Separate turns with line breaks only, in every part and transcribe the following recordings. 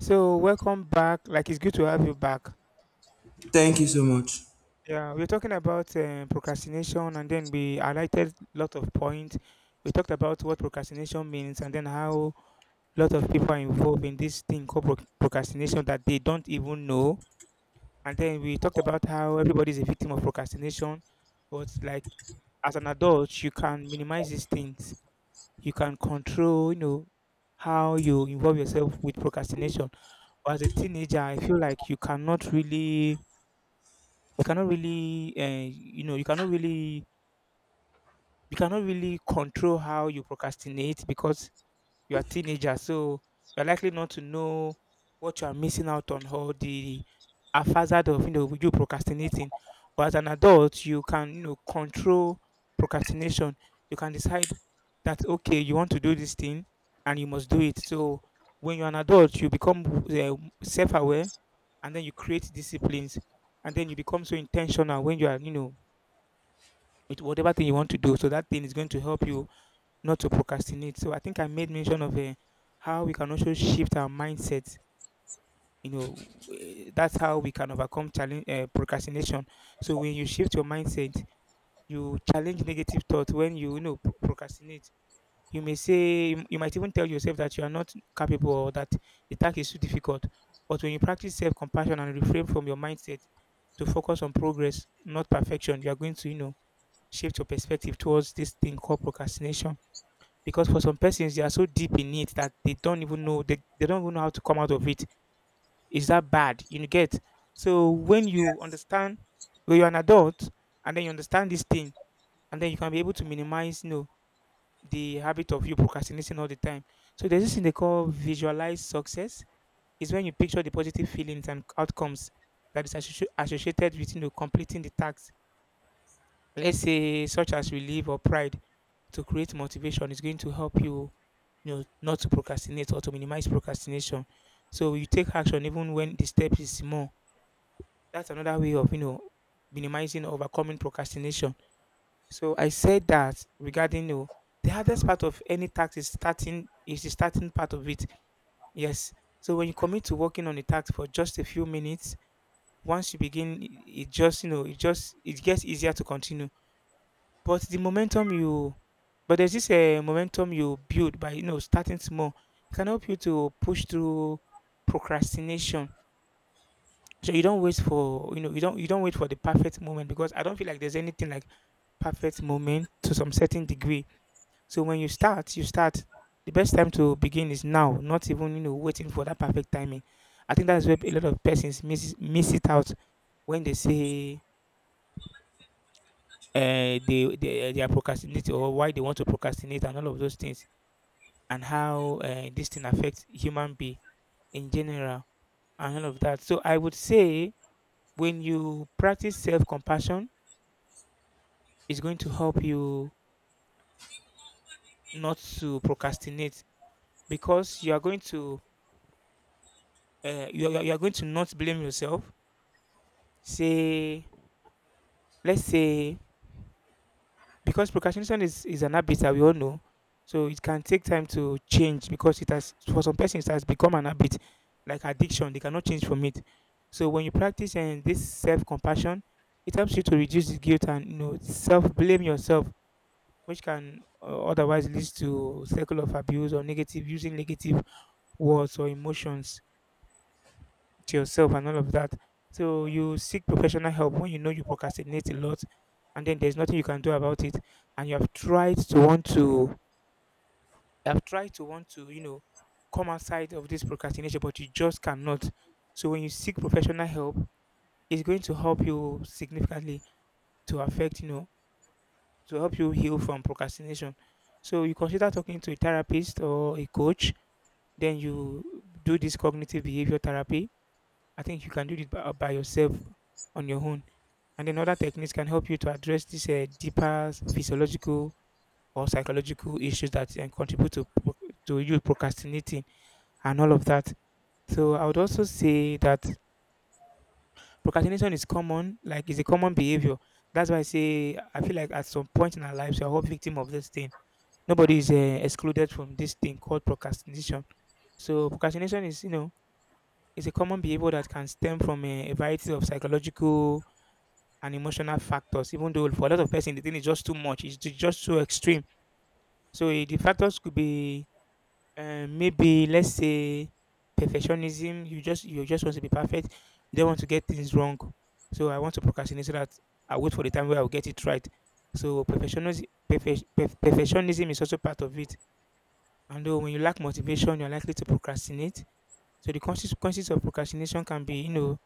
So, welcome back. Like, it's good to have you back.
Thank you so much.
Yeah, we're talking about procrastination, and then we highlighted lot of points. We talked about what procrastination means, and then how lot of people are involved in this thing called procrastination that they don't even know. And then we talked about how everybody is a victim of procrastination, but like as an adult, you can minimize these things. You can control, you know, how you involve yourself with procrastination. But as a teenager, I feel like you cannot really you cannot really you know you cannot really control how you procrastinate because you are teenager, so you're likely not to know what you are missing out on, or the hazard of, you know, you procrastinating. But as an adult you can, you know, control procrastination. You can decide that okay, you want to do this thing and you must do it. So when you're an adult you become self-aware, and then you create disciplines, and then you become so intentional when you are, you know, with whatever thing you want to do. So that thing is going to help you not to procrastinate. So I think I made mention of how we can also shift our mindset. You know, that's how we can overcome challenge procrastination. So when you shift your mindset, you challenge negative thoughts. When you know, procrastinate, you may say you might even tell yourself that you are not capable, or that the task is too difficult. But when you practice self-compassion and refrain from your mindset to focus on progress, not perfection, you are going to, you know, shift your perspective towards this thing called procrastination. Because for some persons, they are so deep in it that they don't even know they don't even know how to come out of it. Is that bad? You get so when you
Yes.
understand when you're an adult, and then you understand this thing, and then you can be able to minimize, you know, the habit of you procrastinating all the time. So there's this thing they call visualize success. Is when you picture the positive feelings and outcomes that is associated with, you know, completing the tasks. Let's say such as relief or pride, to create motivation is going to help you, you know, not to procrastinate or to minimize procrastination. So you take action even when the steps is small. That's another way of, you know, minimizing or overcoming procrastination. So I said that regarding, you know, the hardest part of any task is the starting part of it. Yes. So when you commit to working on a task for just a few minutes, once you begin, it just, you know, it just it gets easier to continue but the momentum you but there's this momentum you build by, you know, starting small. It can help you to push through procrastination. So you don't wait for the perfect moment, because I don't feel like there's anything like perfect moment to some certain degree. So when you start, you start. The best time to begin is now, not even, you know, waiting for that perfect timing. I think that's where a lot of persons miss it out when they say they are procrastinating, or why they want to procrastinate and all of those things, and how this thing affects human being in general and all of that. So I would say when you practice self-compassion, it's going to help you not to procrastinate, because you are going to you are going to not blame yourself. Say, let's say, because procrastination is an habit that we all know. So it can take time to change, because it has for some persons it has become an habit like addiction. They cannot change from it. So when you practice and this self compassion, it helps you to reduce the guilt and, you know, self blame yourself, which can otherwise lead to cycle of abuse, or negative using negative words or emotions to yourself and all of that. So you seek professional help when you know you procrastinate a lot, and then there's nothing you can do about it. And you have tried to want to, you know, come outside of this procrastination, but you just cannot. So when you seek professional help, it's going to help you significantly to affect, you know, to help you heal from procrastination. So you consider talking to a therapist or a coach, then you do this cognitive behavior therapy. I think you can do it by yourself on your own. And then other techniques can help you to address these deeper physiological or psychological issues that contribute to to you procrastinating and all of that. So I would also say that procrastination is common, like it's a common behavior. That's why I say I feel like at some point in our lives we are all victim of this thing. Nobody is excluded from this thing called procrastination. So procrastination is, you know, is a common behavior that can stem from a variety of psychological and emotional factors. Even though for a lot of person, the thing is just too much. It's just so extreme. So the factors could be maybe let's say perfectionism. You just want to be perfect. You don't want to get things wrong. So I want to procrastinate so that I wait for the time where I'll get it right. So perfectionism, perfectionism is also part of it. And though when you lack motivation, you're likely to procrastinate. So the consequences of procrastination can be, you know,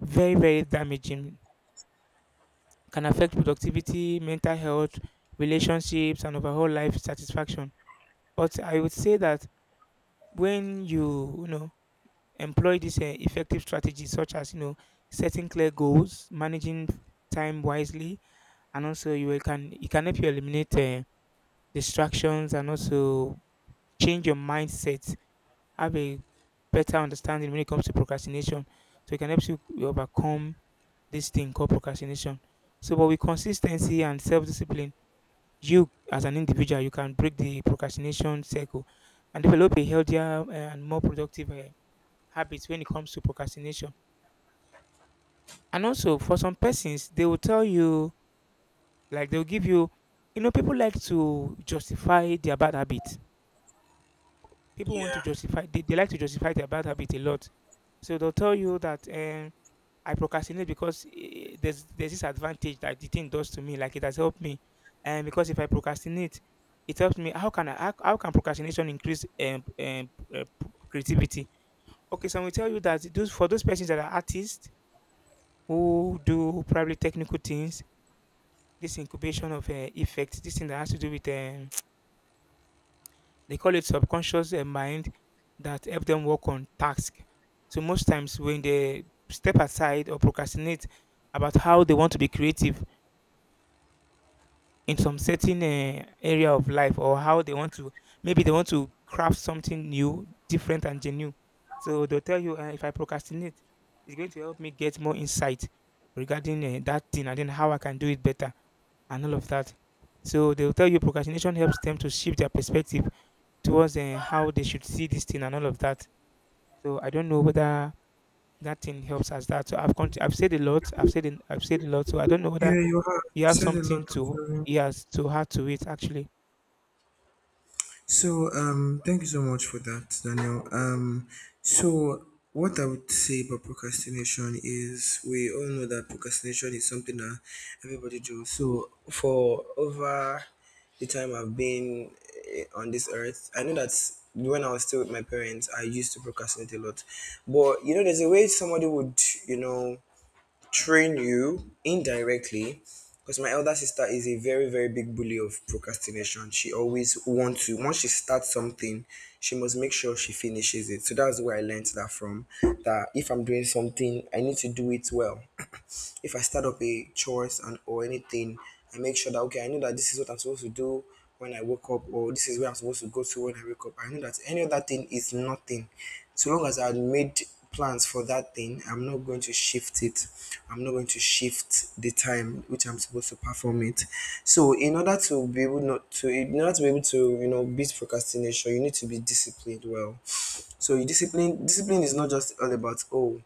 very damaging. Can affect productivity, mental health, relationships, and overall life satisfaction. But I would say that when you know, employ these effective strategies, such as, you know, setting clear goals, managing time wisely, and also you will can it can help you eliminate distractions, and also change your mindset, have a better understanding when it comes to procrastination. So it can help you overcome this thing called procrastination. So, but with consistency and self-discipline, you as an individual you can break the procrastination cycle and develop a healthier and more productive habits when it comes to procrastination. And also for some persons they will tell you like they'll give you, you know, people like to justify their bad habits. People want to
Yeah.
justify they like to justify their bad habit a lot. So they'll tell you that um, I procrastinate because there's this advantage that the thing does to me, like it has helped me, and because if I procrastinate it helps me. How can I how can procrastination increase uh, creativity? Okay, so we tell you that those for those persons that are artists, who do probably technical things, this incubation of effects, this thing that has to do with um, they call it subconscious mind, that help them work on task. So most times when they step aside or procrastinate about how they want to be creative in some certain area of life, or how they want to maybe they want to craft something new, different and genuine. So they'll tell you if I procrastinate, it's going to help me get more insight regarding that thing and then how I can do it better and all of that. So they'll tell you procrastination helps them to shift their perspective towards how they should see this thing and all of that. So I don't know whether that thing helps as that. So I've said a lot. I've said a lot. So I don't know whether
Yeah, you have
you have
said a
something
lot
to,
actually.
yes, to add to it actually.
So thank you so much for that, Daniel. So what I would say about procrastination is we all know that procrastination is something that everybody does. So for over the time I've been on this earth, I know that when I was still with my parents, I used to procrastinate a lot. But you know, there's a way somebody would, you know, train you indirectly because my elder sister is a very very big bully of procrastination. She always wants to, once she starts something she must make sure she finishes it. So that's where I learned that from, that if I'm doing something I need to do it well. If I start up a chores and or anything, I make sure that okay, I know that this is what I'm supposed to do when I wake up, or this is where I'm supposed to go to when I wake up. I know that any other thing is nothing. So long as I had made plans for that thing, I'm not going to shift it. I'm not going to shift the time which I'm supposed to perform it. So in order to be able not to in order to be able to, you know, beat procrastination, you need to be disciplined well. So you discipline is not just all about, oh,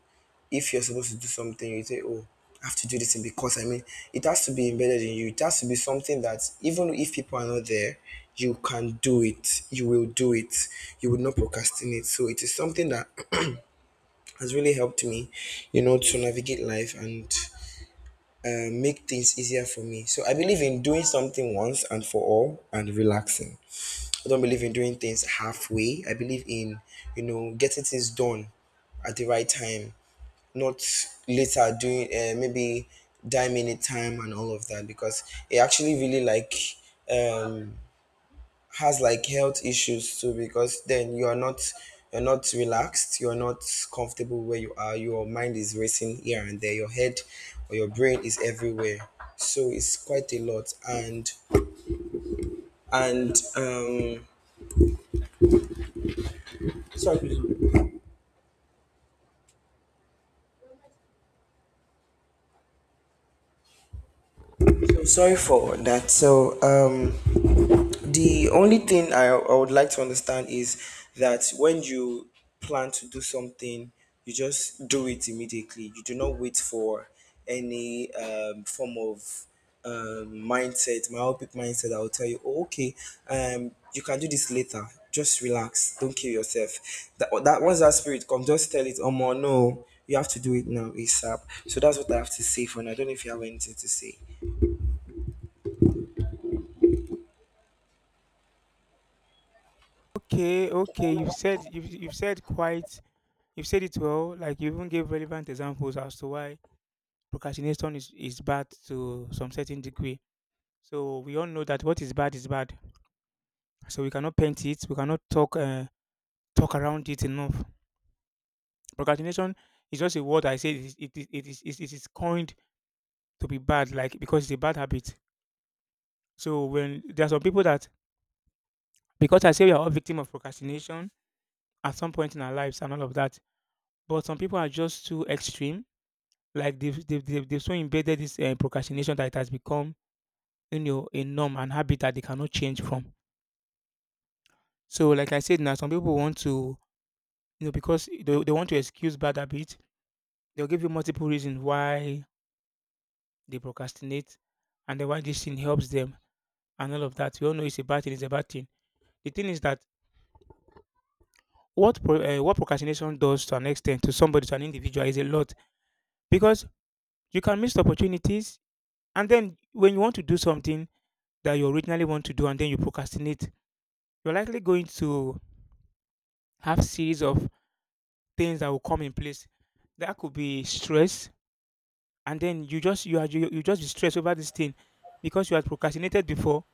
if you're supposed to do something, you say, oh, I have to do this thing because I mean, it has to be embedded in you. It has to be something that even if people are not there, you can do it. You will do it. You will not procrastinate. So it is something that has really helped me, you know, to navigate life and make things easier for me. So I believe in doing something once and for all and relaxing. I don't believe in doing things halfway. I believe in, you know, getting things done at the right time, not later, doing maybe dime minute time and all of that, because it actually really like um has like health issues too, because then you're not relaxed, you're not comfortable where you are, your mind is racing here and there, your head or your brain is everywhere. So it's quite a lot, and sorry, sorry for that. So the only thing I would like to understand is that when you plan to do something, you just do it immediately. You do not wait for any form of mindset, myopic mindset that will tell you, oh, okay, you can do this later. Just relax. Don't kill yourself. That once that spirit comes, just tell it, oh my, no, you have to do it now, ASAP. So that's what I have to say for now. I don't know if you have anything to say.
Okay, okay. You've said quite you've said it well. Like you even gave relevant examples as to why procrastination is bad to some certain degree. So we all know that what is bad is bad. So we cannot paint it. We cannot talk talk around it enough. Procrastination is just a word. I say it is it is it is it is coined to be bad, like because it's a bad habit. So when there are some people that, because I say we are all victim of procrastination at some point in our lives and all of that, but some people are just too extreme. Like they've so embedded this procrastination that it has become, you know, a norm and habit that they cannot change from. So like I said now, some people want to, you know, because they want to excuse bad habit. They'll give you multiple reasons why they procrastinate and then why this thing helps them and all of that. We all know it's a bad thing. It's a bad thing. The thing is that what procrastination does to an extent to somebody to an individual is a lot because you can miss opportunities, and then when you want to do something that you originally want to do, and then you procrastinate, you're likely going to have series of things that will come in place. That could be stress, and then you just you are you, you just be stressed over this thing because you had procrastinated before.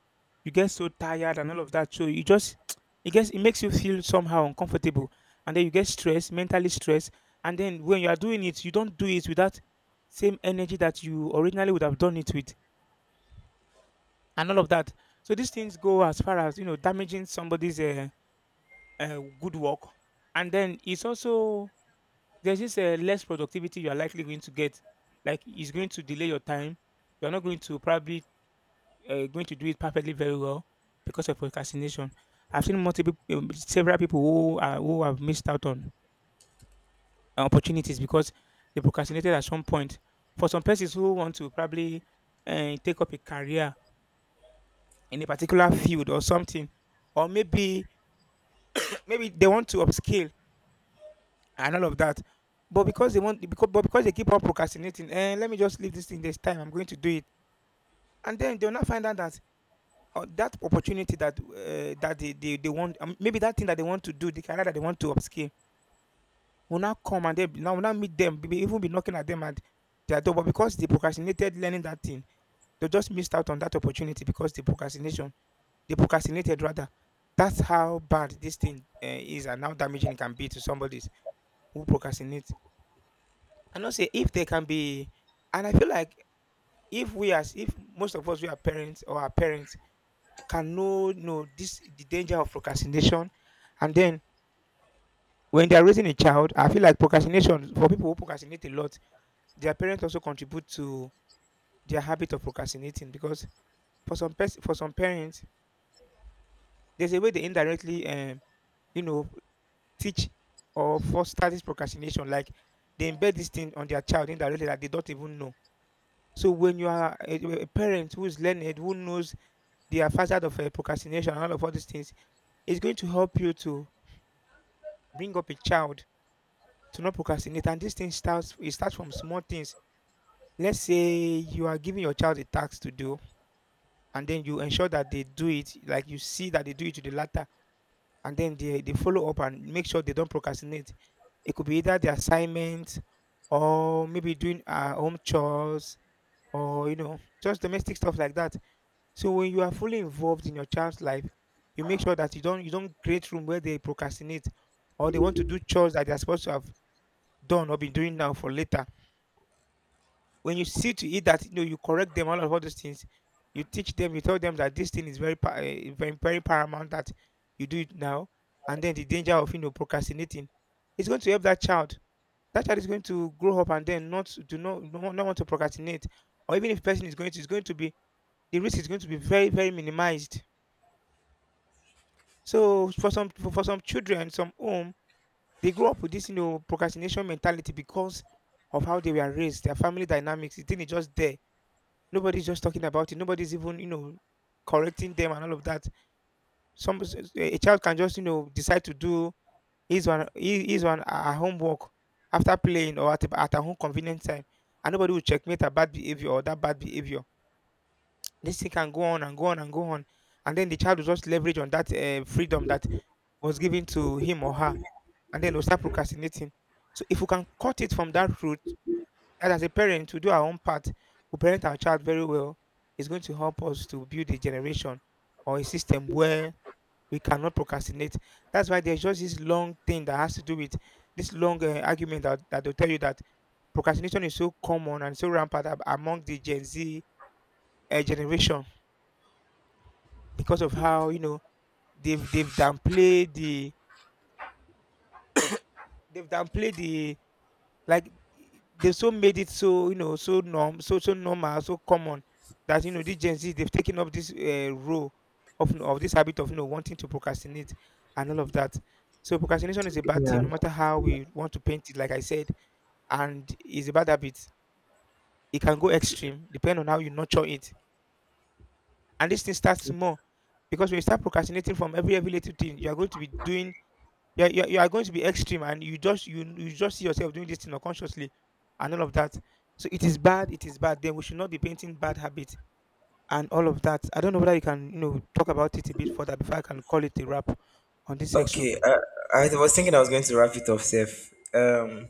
You get so tired and all of that, so you just it makes you feel somehow uncomfortable, and then you get stressed, mentally stressed, and then when you are doing it, you don't do it with that same energy that you originally would have done it with, and all of that. So these things go as far as, you know, damaging somebody's good work, and then it's also there's this less productivity you are likely going to get. Like it's going to delay your time. You're not going to probably going to do it perfectly very well because of procrastination. I've seen multiple several people who are, who have missed out on opportunities because they procrastinated at some point. For some persons who want to probably take up a career in a particular field or something, or maybe they want to upscale and all of that. But because they want, because but because they keep on procrastinating, and let me just leave this thing. There's time. I'm going to do it, and then they'll not find out that, that opportunity that, that they they want, maybe that thing that they want to do, the career that they want to upscale, will now come and they now meet them, even be knocking at them at their door. But because they procrastinated learning that thing, they just missed out on that opportunity because the procrastination, they procrastinated rather. That's how bad this thing is, and how damaging it can be to somebody who procrastinates. I know say if they can be, and I feel like if we as if most of us, we are parents or our parents can know this, the danger of procrastination, and then when they are raising a child, I feel like procrastination, for people who procrastinate a lot, their parents also contribute to their habit of procrastinating, because for for some parents there's a way they indirectly, you know, teach or foster this procrastination. Like they embed this thing on their child indirectly that they don't even know. So when you are a parent who is learned, who knows the facet of procrastination and all these things, it's going to help you to bring up a child to not procrastinate. And this thing starts, it starts from small things. Let's say you are giving your child a task to do, and then you ensure that they do it, like you see that they do it to the latter, and then they follow up and make sure they don't procrastinate. It could be either the assignment or maybe doing home chores or, you know, just domestic stuff like that. So when you are fully involved in your child's life, you make sure that you don't create room where they procrastinate or they want to do chores that they are supposed to have done or been doing now for later. When you see to it that, you know, you correct them, all those things, you teach them, you tell them that this thing is very very paramount that you do it now, and then the danger of, you know, procrastinating, it's going to help that child. That child is going to grow up and then not do not want to procrastinate, or even if person is going to be, the risk is going to be very very minimized. So for some children, some home, they grow up with this, you know, procrastination mentality because of how they were raised, their family dynamics. The thing is just there. Nobody's just talking about it. Nobody's even, you know, correcting them and all of that. A child can just, you know, decide to do his one homework after playing or at at her own convenient time, and nobody will checkmate her bad behavior or that bad behavior. This thing can go on and go on and go on, and then the child will just leverage on that freedom that was given to him or her, and then we'll start procrastinating. So if we can cut it from that root, and as a parent, we do our own part, we parent our child very well, it's going to help us to build a generation or a system where we cannot procrastinate. That's why there's just this long thing that has to do with this long argument that, will tell you that procrastination is so common and so rampant among the Gen Z generation because of how, you know, they've downplayed they've downplayed the. Like e they've so made it so, you know, so norm so so normal, so common that, you know, these Gen Z, they've taken up this, role of, you know, of this habit of, you know, wanting to procrastinate and all of that. So procrastination is a bad thing
Yeah.
no matter how we want to paint it, like I said, and it's a bad habit. It can go extreme depending on how you nurture it. And this thing starts small, because when you start procrastinating from every little thing, you are going to be doing, yeah, you are going to be extreme, and you just see yourself doing this thing unconsciously, and all of that. So it is bad. It is bad. Then we should not be painting bad habits and all of that. I don't know whether you can, you know, talk about it a bit further before I can call it a wrap on this section.
Okay, I was thinking I was going to wrap it off, Seth.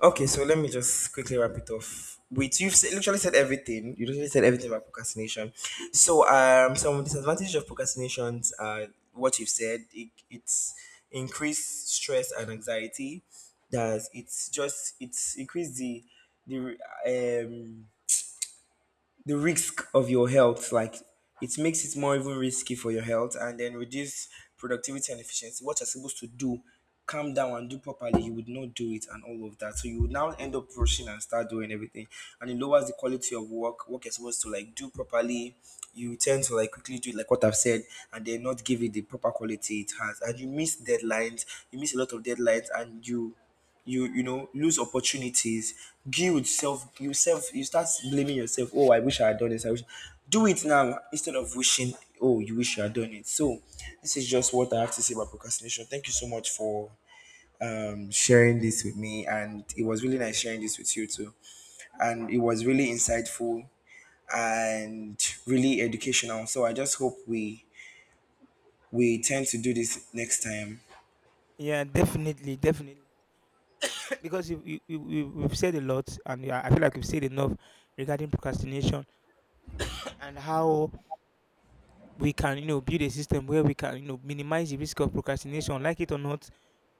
Okay, so let me just quickly wrap it off. Wait, literally said everything. You literally said everything about procrastination. So, some disadvantages of procrastinations are what you've said. It's increased stress and anxiety. That it's just, it's increased the the um the risk of your health, like it makes it more even risky for your health, and then reduce productivity and efficiency. What you're supposed to do, calm down and do properly, you would not do it, and all of that, so you would now end up rushing and start doing everything. And it lowers the quality of work. Work is supposed to like do properly, you tend to like quickly do it, like what I've said, and then not give it the proper quality it has. And you miss deadlines, you miss a lot of deadlines, and you know, lose opportunities, guilt, self you start blaming yourself, oh, I wish I had done this, I wish. Do it now instead of wishing, oh, you wish you had done it. So this is just what I have to say about procrastination. Thank you so much for sharing this with me, and it was really nice sharing this with you too, and it was really insightful and really educational. So I just hope we tend to do this next time.
Yeah, definitely, definitely. Because we've said a lot, and yeah, I feel like we've said enough regarding procrastination and how we can, you know, build a system where we can, you know, minimize the risk of procrastination, like it or not.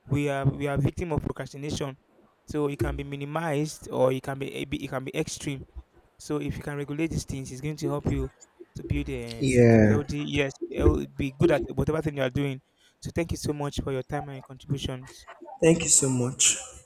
We are victim of procrastination. So it can be minimized or it can be it can be extreme. So if you can regulate these things, it's going to help you to build a
Yeah,
healthy, yes, be good at whatever thing you are doing. So thank you so much for your time and your contributions.
thank you so much.